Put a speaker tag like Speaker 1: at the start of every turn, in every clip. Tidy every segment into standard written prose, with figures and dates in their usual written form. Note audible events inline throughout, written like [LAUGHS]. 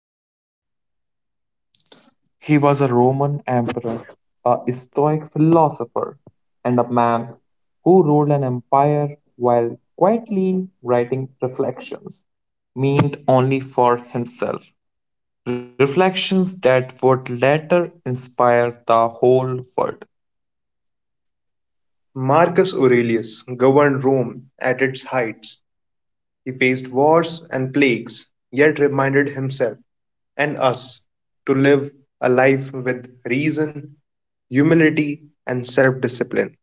Speaker 1: within.
Speaker 2: He was a Roman emperor, a Stoic philosopher, and a man who ruled an empire while quietly writing reflections, meant only for himself. Reflections that would later inspire the whole world.
Speaker 1: Marcus Aurelius governed Rome at its heights. He faced wars and plagues, yet reminded himself and us to live a life with reason, humility, and self discipline.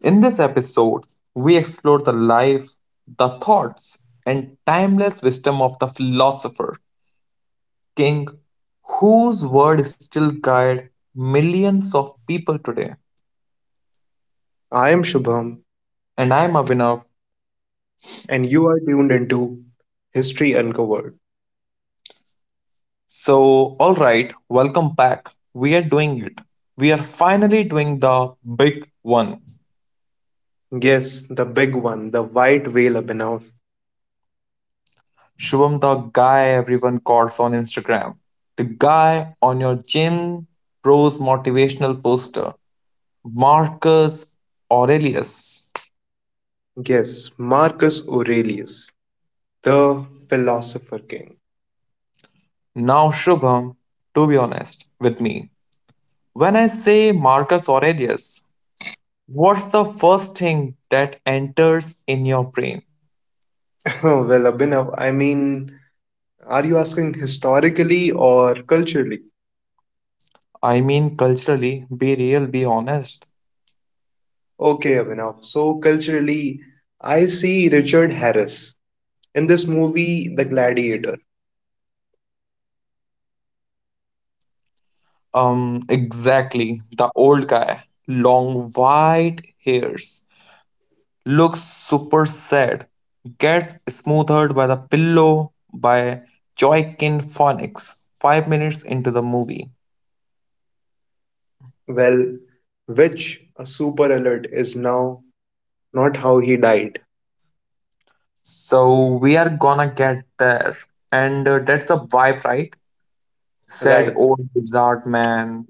Speaker 2: In this episode, we explore the life, the thoughts, and timeless wisdom of the philosopher, king, whose word still guides millions of people today.
Speaker 1: I am Shubham,
Speaker 2: And I'm Avinav.
Speaker 1: and you are tuned into History Uncovered.
Speaker 2: So, alright, welcome back. We are doing it. We are finally doing the big one.
Speaker 1: Yes, the big one, the white whale Abhinav.
Speaker 2: Shubham, the guy everyone calls on Instagram. The guy on your gym bros motivational poster. Marcus Aurelius.
Speaker 1: Yes, Marcus Aurelius, the philosopher king.
Speaker 2: Now, Shubham, to be honest with me, when I say Marcus Aurelius, what's the first thing that enters in your brain?
Speaker 1: [LAUGHS] Abhinav, are you asking historically or culturally?
Speaker 2: I mean, culturally, be real, be honest.
Speaker 1: Okay, Abhinav. So, culturally, I see Richard Harris in this movie, The Gladiator.
Speaker 2: Exactly. The old guy, long white hairs, looks super sad, gets smothered by the pillow by Joaquin Phoenix 5 minutes into the movie.
Speaker 1: Well, which, a super alert, is now not how he died.
Speaker 2: So we are gonna get there, and that's a vibe, right? Said
Speaker 1: Right.
Speaker 2: old wizard man,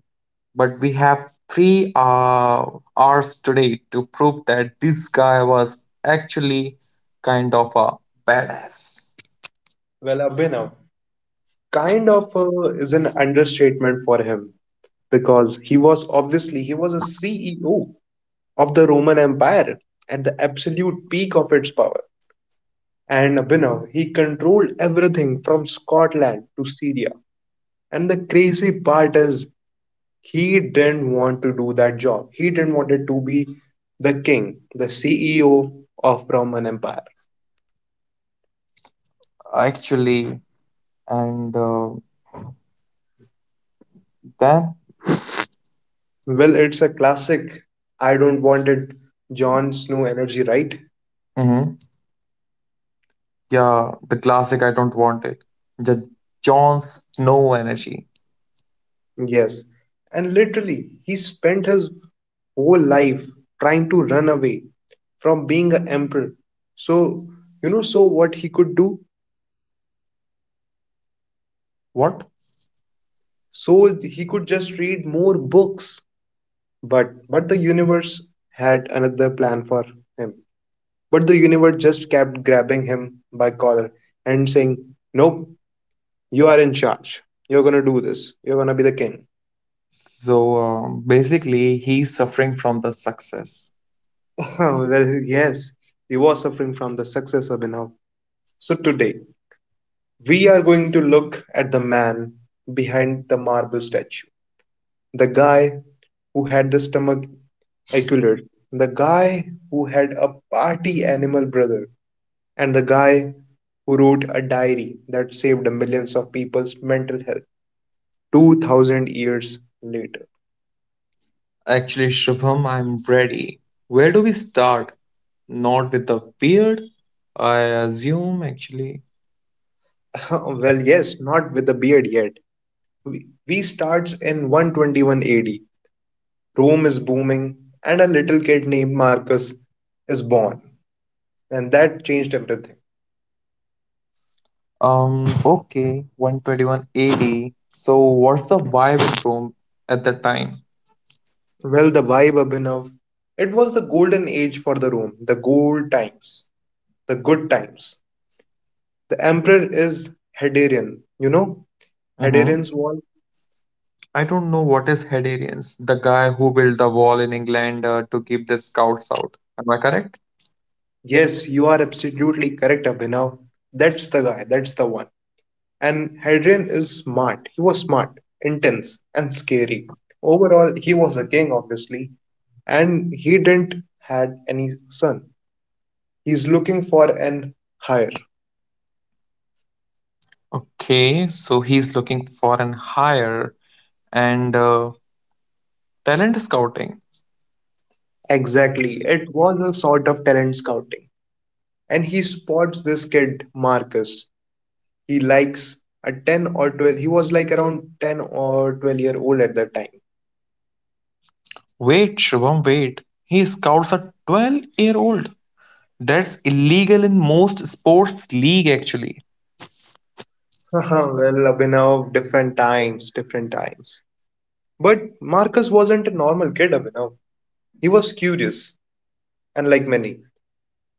Speaker 2: but we have 3 hours today to prove that this guy was actually kind of a badass.
Speaker 1: Well, Abhinav, kind of is an understatement for him, because he was a CEO of the Roman Empire at the absolute peak of its power. And Abhinav, he controlled everything from Scotland to Syria. And the crazy part is he didn't want to do that job. He didn't want it to be the king, the CEO of Roman Empire.
Speaker 2: Actually, and then.
Speaker 1: Well, it's a classic I don't want it Jon Snow energy, right?
Speaker 2: Mhm. Yeah, the classic I don't want it. The Jon Snow energy.
Speaker 1: Yes. And literally, he spent his whole life trying to run away from being an emperor. So, so what he could do?
Speaker 2: What?
Speaker 1: So he could just read more books. But the universe had another plan for him. But the universe just kept grabbing him by collar and saying, Nope, you are in charge. You're gonna do this. You're gonna be the king.
Speaker 2: So basically, he's suffering from the success.
Speaker 1: [LAUGHS] Well, yes, he was suffering from the success of Abhinav. So today, we are going to look at the man behind the marble statue, the guy who had the stomach ache, the guy who had a party animal brother, and the guy who wrote a diary that saved millions of people's mental health 2000 years later.
Speaker 2: Actually, Shubham, I'm ready. Where do we start? Not with the beard, I assume, actually.
Speaker 1: [LAUGHS] Well, yes, not with a beard yet. We starts in 121 AD. Rome is booming and a little kid named Marcus is born and that changed everything.
Speaker 2: Okay, 121 AD. So, what's the vibe in Rome at that time?
Speaker 1: Well, the vibe, Abhinav. It was the golden age for the Rome, the gold times, the good times. The emperor is Hadrian.
Speaker 2: Mm-hmm.
Speaker 1: Hadrian's wall.
Speaker 2: I don't know what is Hadarians, the guy who built the wall in England to keep the scouts out. Am I correct?
Speaker 1: Yes, you are absolutely correct, Abhinav. That's the guy, that's the one. And Hadrian is smart. He was smart, intense, and scary. Overall, he was a king, obviously, and he didn't had any son. He's looking for an heir.
Speaker 2: Okay, so he's looking for an hire and talent scouting.
Speaker 1: Exactly. It was a sort of talent scouting, and he spots this kid Marcus. He likes a 10 or 12. He was like around 10 or 12-year-old at that time.
Speaker 2: Wait, Shubham, wait. He scouts a 12-year-old. That's illegal in most sports league actually.
Speaker 1: [LAUGHS] Abhinav, different times, different times. But Marcus wasn't a normal kid, Abhinav. He was curious, and like many,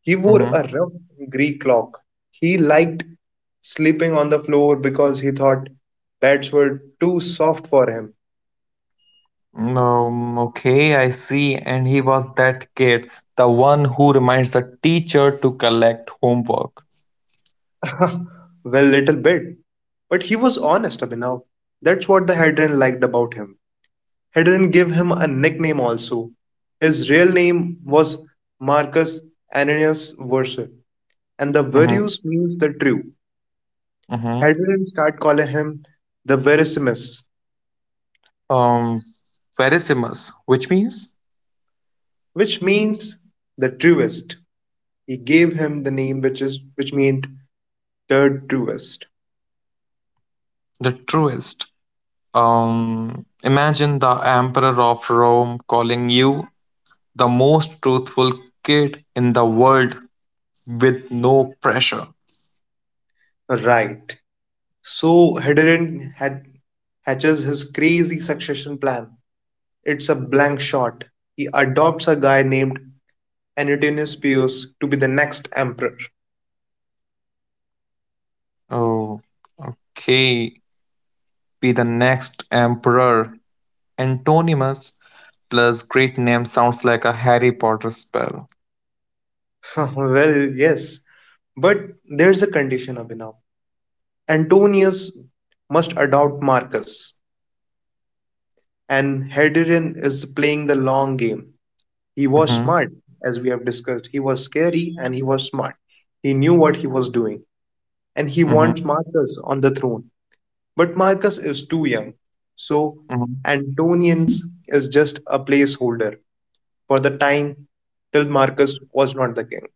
Speaker 1: he wore a rough Greek clock. He liked sleeping on the floor because he thought beds were too soft for him.
Speaker 2: Okay, I see. And he was that kid, the one who reminds the teacher to collect homework.
Speaker 1: [LAUGHS] Well, little bit. But he was honest, Abhinav. That's what the Hedron liked about him. Hedron gave him a nickname also. His real name was Marcus Ananias Verus, and the
Speaker 2: Mm-hmm,
Speaker 1: Verus means the true.
Speaker 2: mm-hmm.
Speaker 1: Hedron started calling him the Verissimus,
Speaker 2: Um, Verissimus, which means
Speaker 1: which means the truest. He gave him the name which is which meant the truest.
Speaker 2: the truest. Imagine the emperor of Rome calling you the most truthful kid in the world with no pressure.
Speaker 1: Right. So Hedron had hatches his crazy succession plan. It's a blank shot. He adopts a guy named Antoninus Pius to be the next emperor.
Speaker 2: Oh, okay. Be the next emperor. Antonimus plus great name sounds like a Harry Potter spell.
Speaker 1: [LAUGHS] Well, yes, but there's a condition, Abhinav. Antonius must adopt Marcus, and Hadrian is playing the long game. He was
Speaker 2: Mm-hmm,
Speaker 1: smart, as we have discussed. He was scary and he was smart. He knew what he was doing, and he
Speaker 2: mm-hmm,
Speaker 1: wants Marcus on the throne. But Marcus is too young, so
Speaker 2: mm-hmm.
Speaker 1: Antonius is just a placeholder for the time till Marcus was not the king.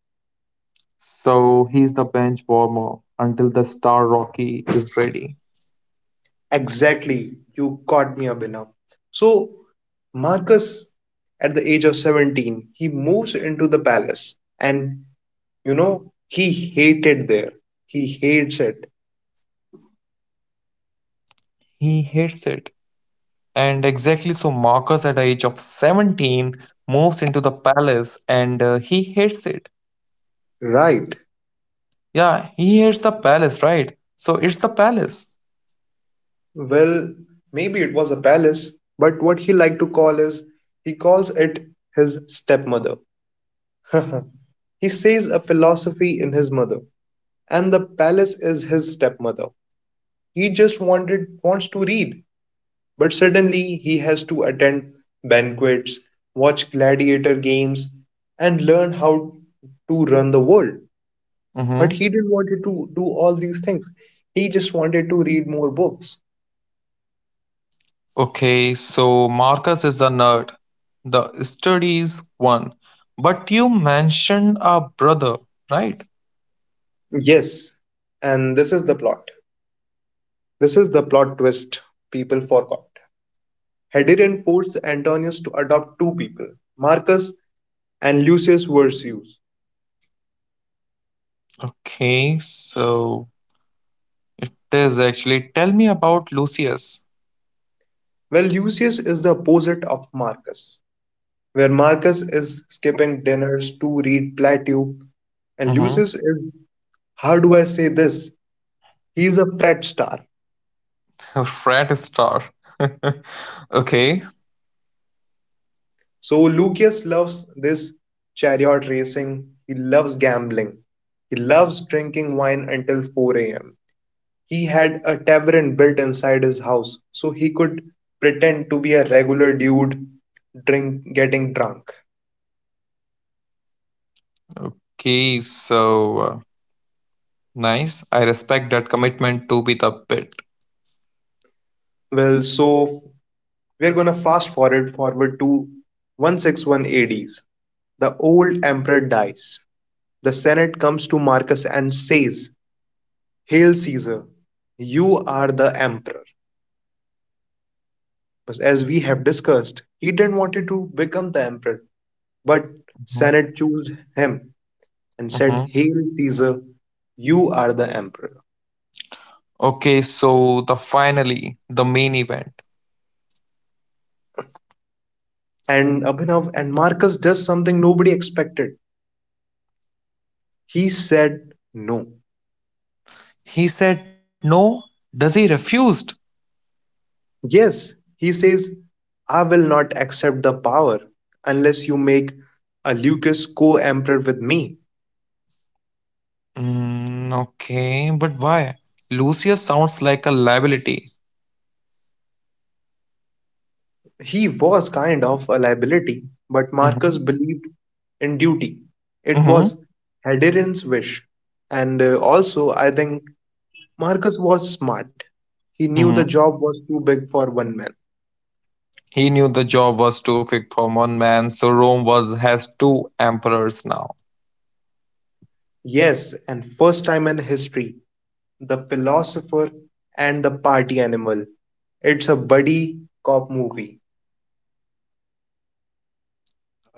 Speaker 2: So he's the bench warmer until the star Rocky is ready.
Speaker 1: Exactly, you got me, Abhinav. So, Marcus, at the age of 17, he moves into the palace and he hated there. He hates it.
Speaker 2: He hates it. And exactly so, Marcus, at the age of 17, moves into the palace and he hates it.
Speaker 1: Right.
Speaker 2: Yeah, he hates the palace, right? So it's the palace.
Speaker 1: Well, maybe it was a palace, but what he liked to call is he calls it his stepmother. [LAUGHS] He says a philosophy in his mother, and the palace is his stepmother. He just wanted wants to read, but suddenly he has to attend banquets, watch gladiator games, and learn how to run the world. But
Speaker 2: Mm-hmm.
Speaker 1: he didn't want to do all these things. He just wanted to read more books.
Speaker 2: Okay, so Marcus is a nerd, the studies one. But you mentioned a brother, right?
Speaker 1: Yes, and this is the plot. This is the plot twist people forgot. Hadrian forced Antonius to adopt two people, Marcus and Lucius Vercius.
Speaker 2: Okay, so it is actually. Tell me about Lucius.
Speaker 1: Well, Lucius is the opposite of Marcus, where Marcus is skipping dinners to read Plato, and
Speaker 2: Mm-hmm.
Speaker 1: Lucius is, how do I say this? He's a fret star.
Speaker 2: [LAUGHS] Frat star. [LAUGHS] Okay,
Speaker 1: So Lucius loves this chariot racing, he loves gambling, he loves drinking wine until 4 a.m. He had a tavern built inside his house, so he could pretend to be a regular dude drink getting drunk.
Speaker 2: okay, so, nice. I respect that commitment to be the bit.
Speaker 1: Well, so we're gonna fast forward to 161 ADs. The old emperor dies. The Senate comes to Marcus and says, Hail Caesar, you are the emperor. But as we have discussed, he didn't want to become the emperor, but Senate chose him and
Speaker 2: Mm-hmm.
Speaker 1: said, Hail Caesar, you are the emperor.
Speaker 2: Okay, so the finally, the main event.
Speaker 1: And Abhinav and Marcus does something nobody expected. He said no.
Speaker 2: He said no. Does he refused?
Speaker 1: Yes, he says, I will not accept the power unless you make a Lucas co emperor with me.
Speaker 2: Mm, okay, but why? Lucius sounds like a liability.
Speaker 1: He was kind of a liability, but
Speaker 2: Mm-hmm.
Speaker 1: Marcus believed in duty. It
Speaker 2: Mm-hmm.
Speaker 1: was Hadrian's wish. And also, I think Marcus was smart. He knew the
Speaker 2: Mm-hmm.
Speaker 1: job was too big for one man.
Speaker 2: He knew the job was too big for one man, so Rome was has two emperors now.
Speaker 1: Yes, and first time in history, the philosopher and the party animal. It's a buddy cop movie.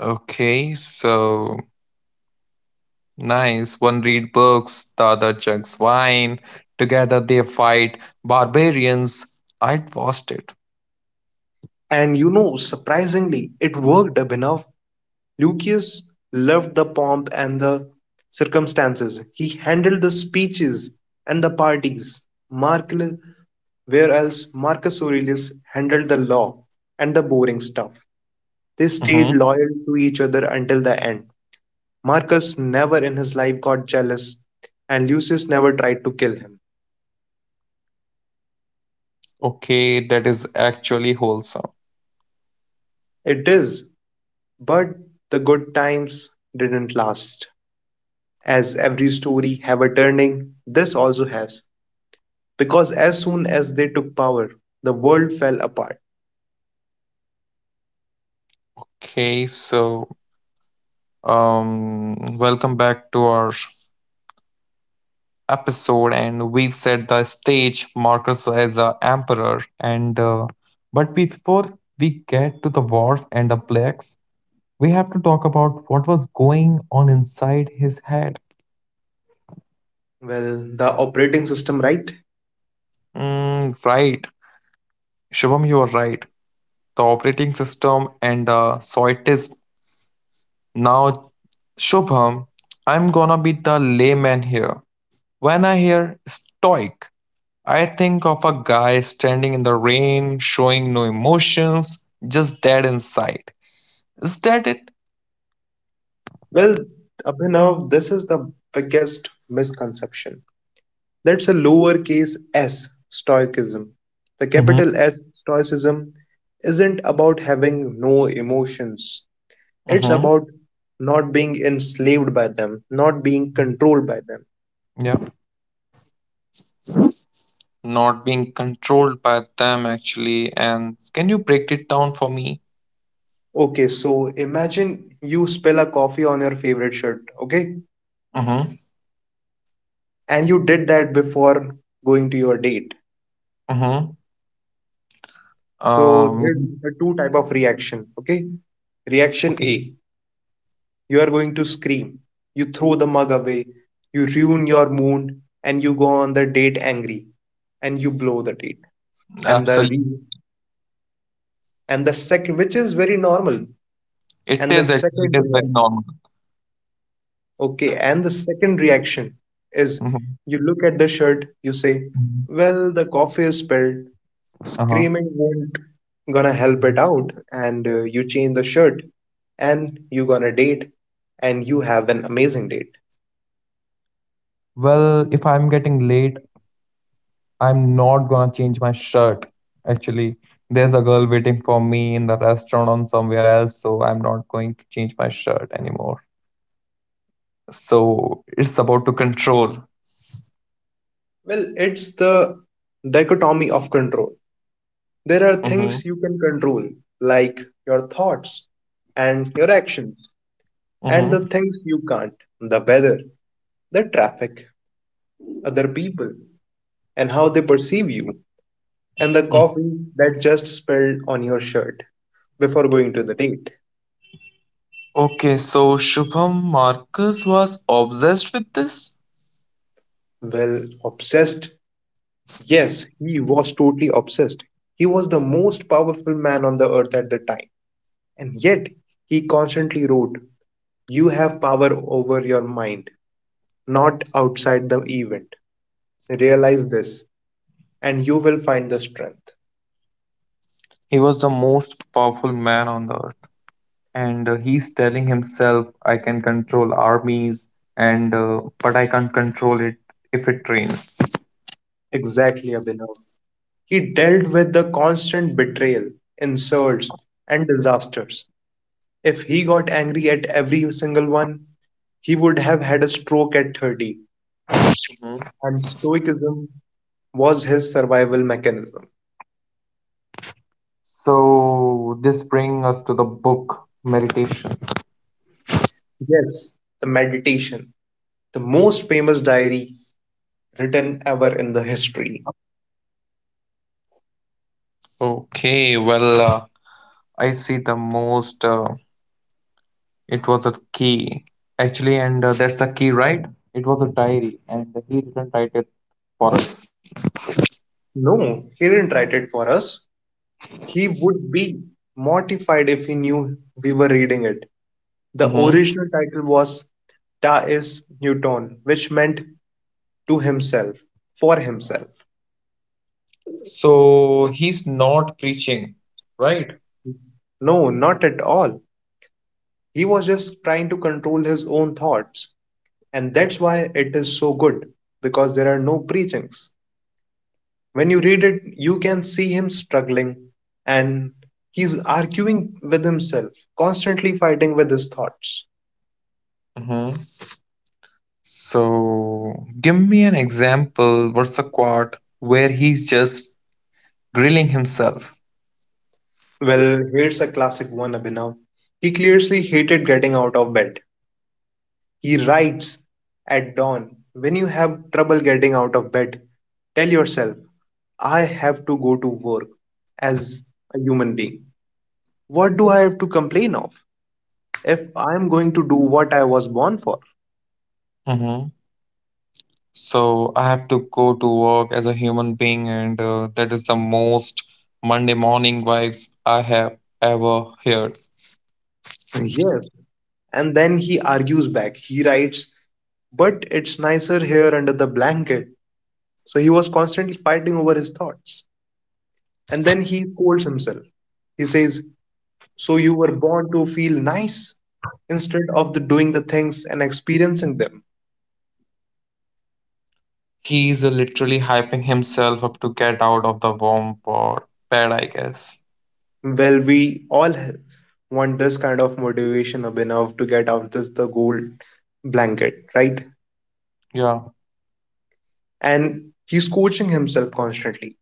Speaker 2: Okay, so nice. One read books, the other chugs wine. Together they fight barbarians. I'd watched it.
Speaker 1: And you know, surprisingly, it worked, Abhinav. Lucius loved the pomp and the circumstances; he handled the speeches and the parties, Marcus, Marcus Aurelius handled the law and the boring stuff. They
Speaker 2: Hmm.
Speaker 1: stayed loyal to each other until the end. Marcus never in his life got jealous, and Lucius never tried to kill him.
Speaker 2: Okay, that is actually wholesome.
Speaker 1: It is, but the good times didn't last. As every story have a turning, this also has, because as soon as they took power, the world fell apart.
Speaker 2: Okay, so, welcome back to our episode, and we've set the stage, Marcus as a emperor, and but before we get to the wars and the plagues, we have to talk about what was going on inside his head.
Speaker 1: Well, the operating system, right?
Speaker 2: Mm, right, Shubham, you are right, the operating system and the soitism. Now, Shubham, I'm gonna be the layman here. When I hear stoic, I think of a guy standing in the rain, showing no emotions, just dead inside. Is that it?
Speaker 1: Well, Abhinav, this is the biggest misconception. That's a lowercase s stoicism. The
Speaker 2: Mm-hmm.
Speaker 1: capital S stoicism isn't about having no emotions, it's
Speaker 2: Mm-hmm.
Speaker 1: about not being enslaved by them, not being controlled by them.
Speaker 2: Yeah. Not being controlled by them actually. And can you break it down for me?
Speaker 1: Okay, so imagine you spill a coffee on your favorite shirt, okay?
Speaker 2: Mm-hmm.
Speaker 1: And you did that before going to your date,
Speaker 2: Mm-hmm.
Speaker 1: so
Speaker 2: Um.
Speaker 1: there's the two type of reaction, okay? Reaction
Speaker 2: Okay.
Speaker 1: a, you are going to scream, you throw the mug away, you ruin your mood, and you go on the date angry and you blow the date. and the
Speaker 2: Absolutely.
Speaker 1: re- and the second, which is very normal,
Speaker 2: It
Speaker 1: and the
Speaker 2: is actually. It
Speaker 1: second
Speaker 2: is very
Speaker 1: reaction,
Speaker 2: normal.
Speaker 1: okay, and the second reaction is you look at the shirt, you say,
Speaker 2: Mm-hmm.
Speaker 1: well, the coffee is spilled.
Speaker 2: Uh huh.
Speaker 1: Screaming won't gonna help it out, and you change the shirt, and you gonna date, and you have an amazing date.
Speaker 2: Well, if I'm getting late. I'm not gonna change my shirt. Actually, there's a girl waiting for me in the restaurant on somewhere else, so I'm not going to change my shirt anymore. So it's about to control.
Speaker 1: Well, it's the dichotomy of control. There are
Speaker 2: Mm-hmm,
Speaker 1: things you can control, like your thoughts and your actions, and
Speaker 2: mm-hmm.
Speaker 1: the things you can't, the weather, the traffic, other people, and how they perceive you, and the coffee that just spilled on your shirt before going to the date.
Speaker 2: Okay, so Shubham Marcus was obsessed with this.
Speaker 1: Well, obsessed. Yes, he was totally obsessed. He was the most powerful man on the earth at the time. And yet, he constantly wrote, You have power over your mind, not outside the event. Realize this, and you will find the strength.
Speaker 2: He was the most powerful man on the earth, and he's telling himself, "I can control armies, and but I can't control it if it rains."
Speaker 1: Exactly, Abhinav. He dealt with the constant betrayal, insults, and disasters. If he got angry at every single one, he would have had a stroke at 30,
Speaker 2: Mhm.
Speaker 1: and stoicism was his survival mechanism.
Speaker 2: So this brings us to the book meditation.
Speaker 1: Yes, the meditation, the most famous diary written ever in the history.
Speaker 2: Okay, well, I see the most. It was a key, actually, and that's the key, right? It was a diary, and he didn't write it for us.
Speaker 1: No, he didn't write it for us. He would be mortified if he knew we were reading it. The original title was Taoist Newton, which meant to himself, for himself.
Speaker 2: So he's not preaching, right?
Speaker 1: No, not at all. He was just trying to control his own thoughts. And that's why it is so good, because there are no preachings. When you read it, you can see him struggling and he's arguing with himself, constantly fighting with his thoughts.
Speaker 2: Hmm. So give me an example, what's a quote where he's just grilling himself.
Speaker 1: Well, here's a classic one, Abhinav. He clearly hated getting out of bed. He writes at dawn, When you have trouble getting out of bed, tell yourself, I have to go to work as a human being. What do I have to complain of if I am going to do what I was born for?
Speaker 2: Hmm. So I have to go to work as a human being, and that is the most Monday morning vibes I have ever heard.
Speaker 1: [LAUGHS] Yes, and then he argues back. He writes, But it's nicer here under the blanket. So he was constantly fighting over his thoughts. And then he scolds himself. He says, So you were born to feel nice instead of the doing the things and experiencing them.
Speaker 2: He's literally hyping himself up to get out of the warm bed, I guess.
Speaker 1: Well, we all want this kind of motivation, Abhinav, to get out this the gold blanket, right?
Speaker 2: Yeah.
Speaker 1: And he's coaching himself constantly.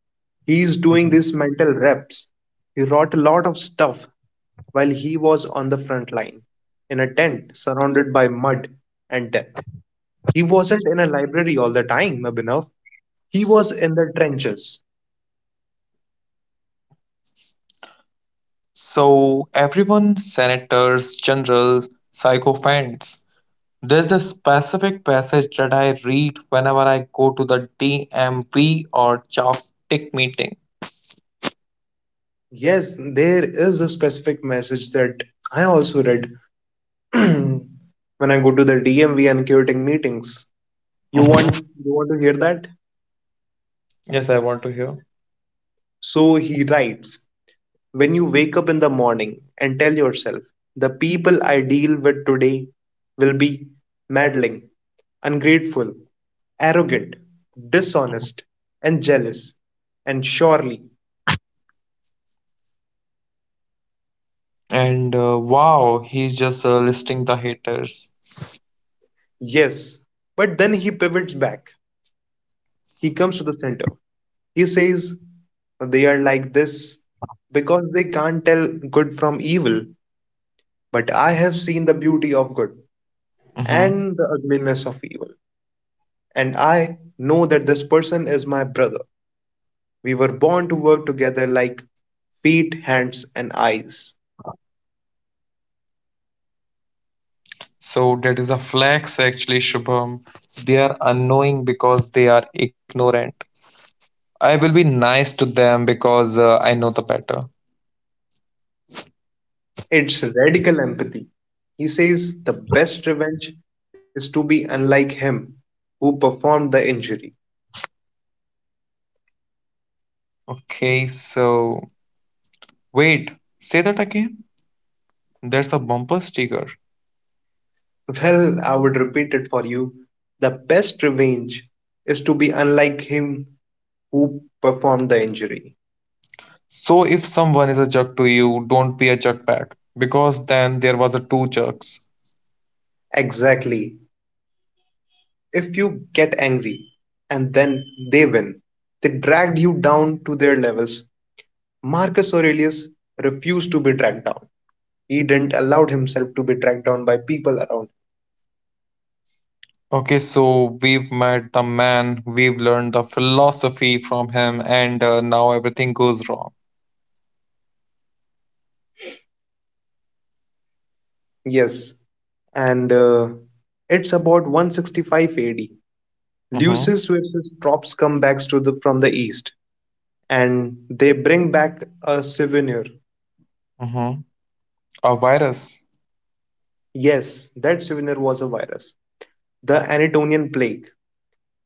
Speaker 1: He's doing
Speaker 2: Mm-hmm.
Speaker 1: these mental reps. He wrote a lot of stuff while he was on the front line, in a tent surrounded by mud and death. He wasn't in a library all the time, Abhinav. He was in the trenches.
Speaker 2: So everyone, senators, generals, sycophants. There's a specific passage that I read whenever I go to the DMV or Choptic meeting.
Speaker 1: Yes, there is a specific message that I also read [CLEARS THROAT] when I go to the DMV and curating meetings. You
Speaker 2: Mhm.
Speaker 1: want you want to hear that?
Speaker 2: Yes, I want to hear.
Speaker 1: So he writes, when you wake up in the morning and tell yourself, the people I deal with today will be meddling, ungrateful, arrogant, dishonest, and jealous. And surely,
Speaker 2: And wow, he's just listing the haters.
Speaker 1: yes, but then he pivots back. He comes to the center. He says, they are like this because they can't tell good from evil, but I have seen the beauty of good
Speaker 2: Mhm.
Speaker 1: and the ugliness of evil. And I know that this person is my brother. We were born to work together like feet, hands, and eyes.
Speaker 2: So that is a flex, actually, Shubham. They are annoying because they are ignorant. I will be nice to them because I know the better.
Speaker 1: It's radical empathy. He says the best revenge is to be unlike him who performed the injury.
Speaker 2: Okay, so, wait, say that again? That's a bumper sticker.
Speaker 1: Well, I would repeat it for you. The best revenge is to be unlike him who performed the injury.
Speaker 2: So if someone is a jerk to you, don't be a jerk back. Because then there was a two jerks.
Speaker 1: Exactly. If you get angry and then they win, they dragged you down to their levels. Marcus Aurelius refused to be dragged down. He didn't allow himself to be dragged down by people around him.
Speaker 2: Okay, so we've met the man, we've learned the philosophy from him, and now everything goes wrong.
Speaker 1: Yes, and it's about 165 AD.
Speaker 2: Mm-hmm,
Speaker 1: Lucius versus Trops come back to the from the east, and they bring back a souvenir.
Speaker 2: mm-hmm. A virus.
Speaker 1: Yes, that souvenir was a virus, the Anatonian plague.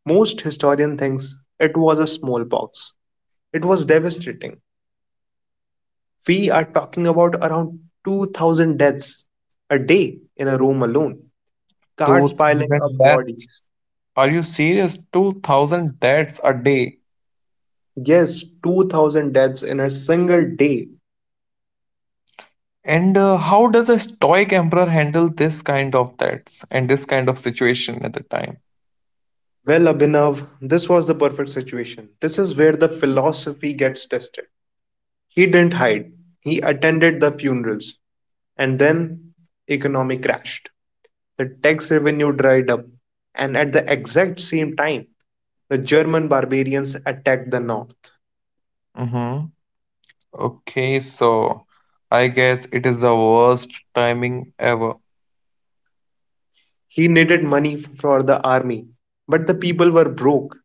Speaker 1: Most historian thinks it was a smallpox. It was devastating. We are talking about around 2,000 deaths a day in a room alone. Carts
Speaker 2: Two
Speaker 1: piling
Speaker 2: thousand
Speaker 1: up bodies.
Speaker 2: Are you serious? 2,000 deaths a day.
Speaker 1: Yes, 2,000 deaths in a single day.
Speaker 2: And how does a stoic emperor handle this kind of deaths and this kind of situation at the time?
Speaker 1: Well, Abhinav, this was the perfect situation. This is where the philosophy gets tested. He didn't hide, he attended the funerals, and then economy crashed. The tax revenue dried up, and at the exact same time, the German barbarians attacked the north.
Speaker 2: Hmm. Okay, so I guess it is the worst timing ever.
Speaker 1: He needed money for the army, but the people were broke,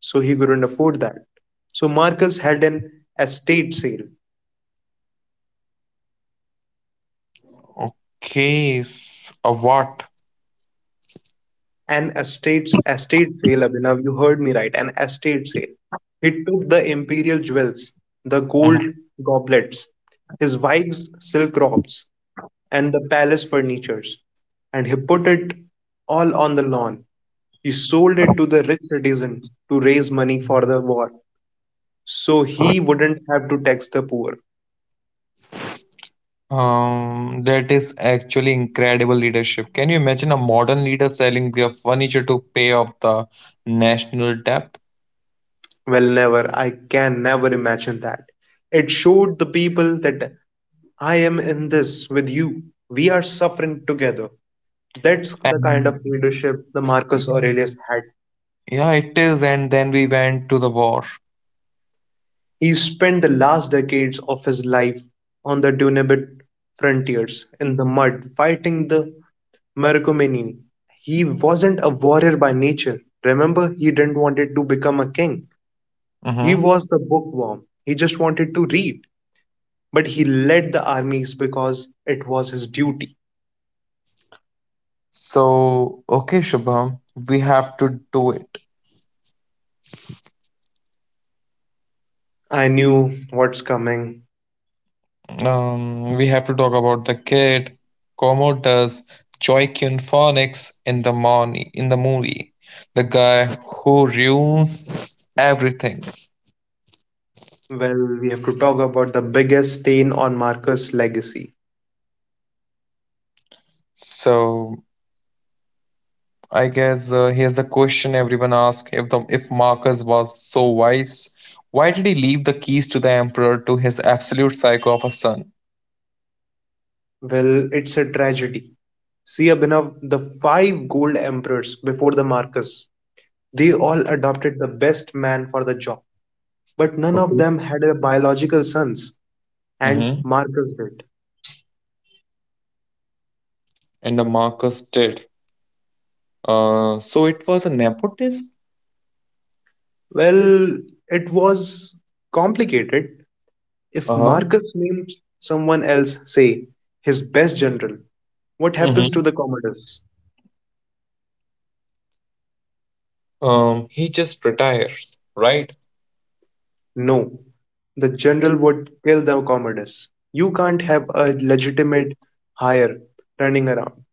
Speaker 1: so he couldn't afford that. So Marcus held an estate sale.
Speaker 2: Case of what?
Speaker 1: An estate sale, Abhinav. You heard me right, an estate sale. He took the imperial jewels, the gold
Speaker 2: Mhm.
Speaker 1: goblets, his wife's silk robes, and the palace furnitures, and he put it all on the lawn. He sold it to the rich citizens to raise money for the war, so he wouldn't have to tax the poor.
Speaker 2: That is actually incredible leadership. Can you imagine a modern leader selling their furniture to pay off the national debt?
Speaker 1: Well, never. I can never imagine that. It showed the people that I am in this with you. We are suffering together. That's the kind
Speaker 2: And,
Speaker 1: of leadership the Marcus Aurelius had.
Speaker 2: yeah, it is. And then we went to the war.
Speaker 1: He spent the last decades of his life on the Danube frontiers, in the mud, fighting the Marcomanni. He wasn't a warrior by nature. Remember, he didn't want to become a king. He
Speaker 2: Hmm.
Speaker 1: was the bookworm. He just wanted to read. But he led the armies because it was his duty.
Speaker 2: So, okay, Shubham, we have to do it.
Speaker 1: I knew what's coming.
Speaker 2: We have to talk about the kid, Commodus, Joaquin Phoenix in the morning in the movie, the guy who ruins everything.
Speaker 1: Well, we have to talk about the biggest stain on Marcus' legacy.
Speaker 2: So I guess here's the question everyone asks: if Marcus was so wise, why did he leave the keys to the emperor to his absolute psycho of a son?
Speaker 1: Well, it's a tragedy. See, Abhinav, the five gold emperors before the Marcus, they all adopted the best man for the job, but none of
Speaker 2: Okay.
Speaker 1: them had a biological sons, and
Speaker 2: Mm-hmm.
Speaker 1: Marcus did.
Speaker 2: And the Marcus did. So it was a nepotism.
Speaker 1: Well, it was complicated. If
Speaker 2: Uh huh.
Speaker 1: Marcus names someone else, say, his best general, what
Speaker 2: Mm-hmm.
Speaker 1: happens to the Commodus?
Speaker 2: He just retires, right?
Speaker 1: No, the general would kill the Commodus. You can't have a legitimate hire running around.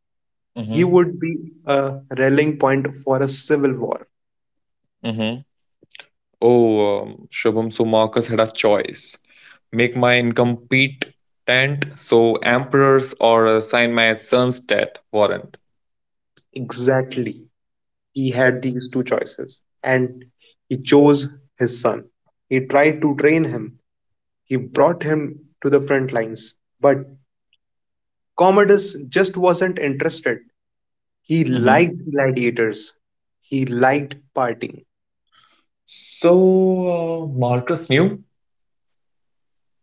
Speaker 1: He
Speaker 2: Mhm,
Speaker 1: would be a rallying point for a civil war.
Speaker 2: mhm. Oh, Shubham, so Marcus had a choice. Make my income tent, so emperors or sign my son's death warrant.
Speaker 1: Exactly. He had these two choices, and he chose his son. He tried to train him, he brought him to the front lines. But Commodus just wasn't interested. He
Speaker 2: Mm-hmm.
Speaker 1: liked gladiators, he liked partying.
Speaker 2: So Marcus knew.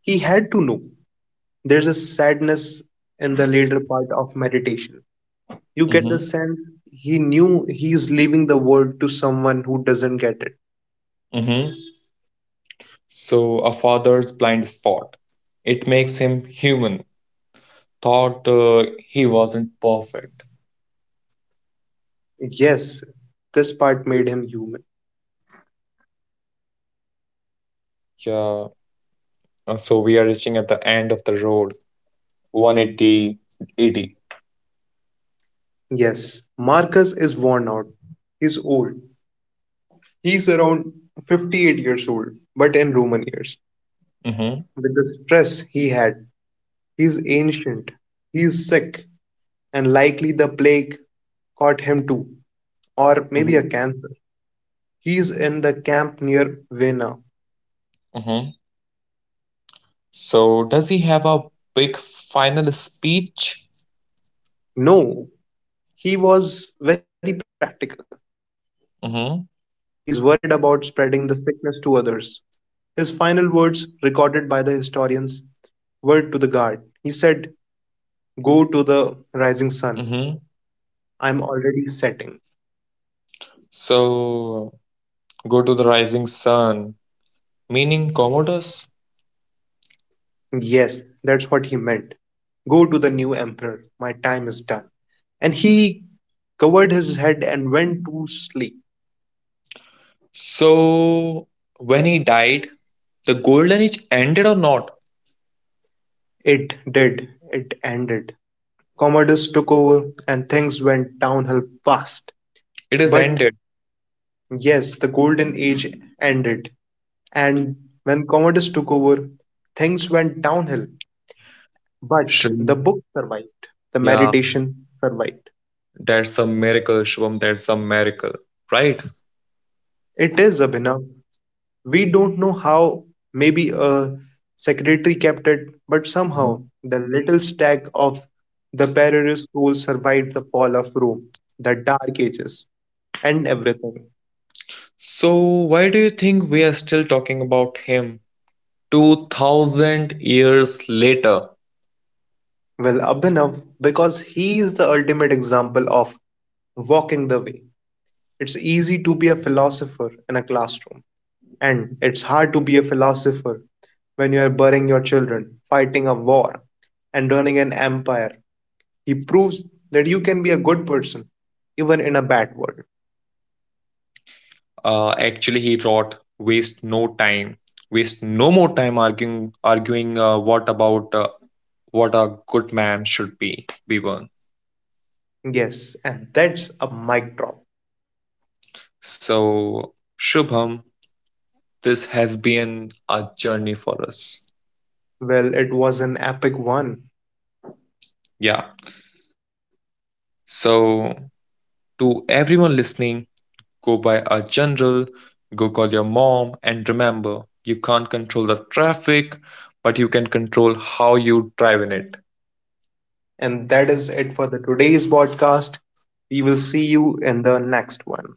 Speaker 1: He had to know there's a sadness in the later part of meditation. You get the
Speaker 2: Mm-hmm.
Speaker 1: sense he knew he's leaving the world to someone who doesn't get it.
Speaker 2: Mm-hmm. So a father's blind spot. It makes him human. Thought he wasn't perfect.
Speaker 1: Yes, this part made him human.
Speaker 2: Yeah. So we are reaching at the end of the road. 180 AD.
Speaker 1: Yes, Marcus is worn out. He's old. He's around 58 years old, but in Roman years.
Speaker 2: Mm-hmm.
Speaker 1: With the stress he had, he's ancient, he's sick, and likely the plague caught him too, or maybe a cancer. He's in the camp near Vena.
Speaker 2: Mm-hmm. So does he have a big final speech?
Speaker 1: No, he was very practical. He's worried about
Speaker 2: Mm-hmm.
Speaker 1: spreading the sickness to others. His final words, recorded by the historians, word to the guard. He said, go to the rising sun.
Speaker 2: Mm-hmm.
Speaker 1: I'm already setting.
Speaker 2: So go to the rising sun, meaning Commodus.
Speaker 1: Yes, that's what he meant. Go to the new emperor. My time is done. And he covered his head and went to sleep.
Speaker 2: So when he died, the golden age ended or not?
Speaker 1: It did. It ended. Commodus took over and things went downhill fast.
Speaker 2: It is
Speaker 1: But
Speaker 2: ended.
Speaker 1: yes, the golden age ended. And when Commodus took over, things went downhill. But the
Speaker 2: Shivam,
Speaker 1: book survived, the
Speaker 2: yeah,
Speaker 1: meditation survived.
Speaker 2: that's a miracle, Shivam. That's a miracle, right?
Speaker 1: It is, Abhinav. We don't know how, maybe a secretary kept it, but somehow
Speaker 2: Mhm.
Speaker 1: the little stack of the perilous soul survived the fall of Rome, the dark ages, and everything.
Speaker 2: So why do you think we are still talking about him 2,000 years later?
Speaker 1: Well, Abhinav, because he is the ultimate example of walking the way. It's easy to be a philosopher in a classroom, and it's hard to be a philosopher when you are burying your children, fighting a war, and running an empire. He proves that you can be a good person even in a bad world.
Speaker 2: Actually, he wrote, "Waste no time, waste no more time arguing, what about what a good man should be one."
Speaker 1: Yes, and that's a mic drop.
Speaker 2: So, Shubham, this has been a journey for us.
Speaker 1: Well, it was an epic one.
Speaker 2: Yeah. So, to everyone listening, go by a general, go call your mom, and remember, you can't control the traffic, but you can control how you drive in it.
Speaker 1: And that is it for the today's podcast. We will see you in the next one.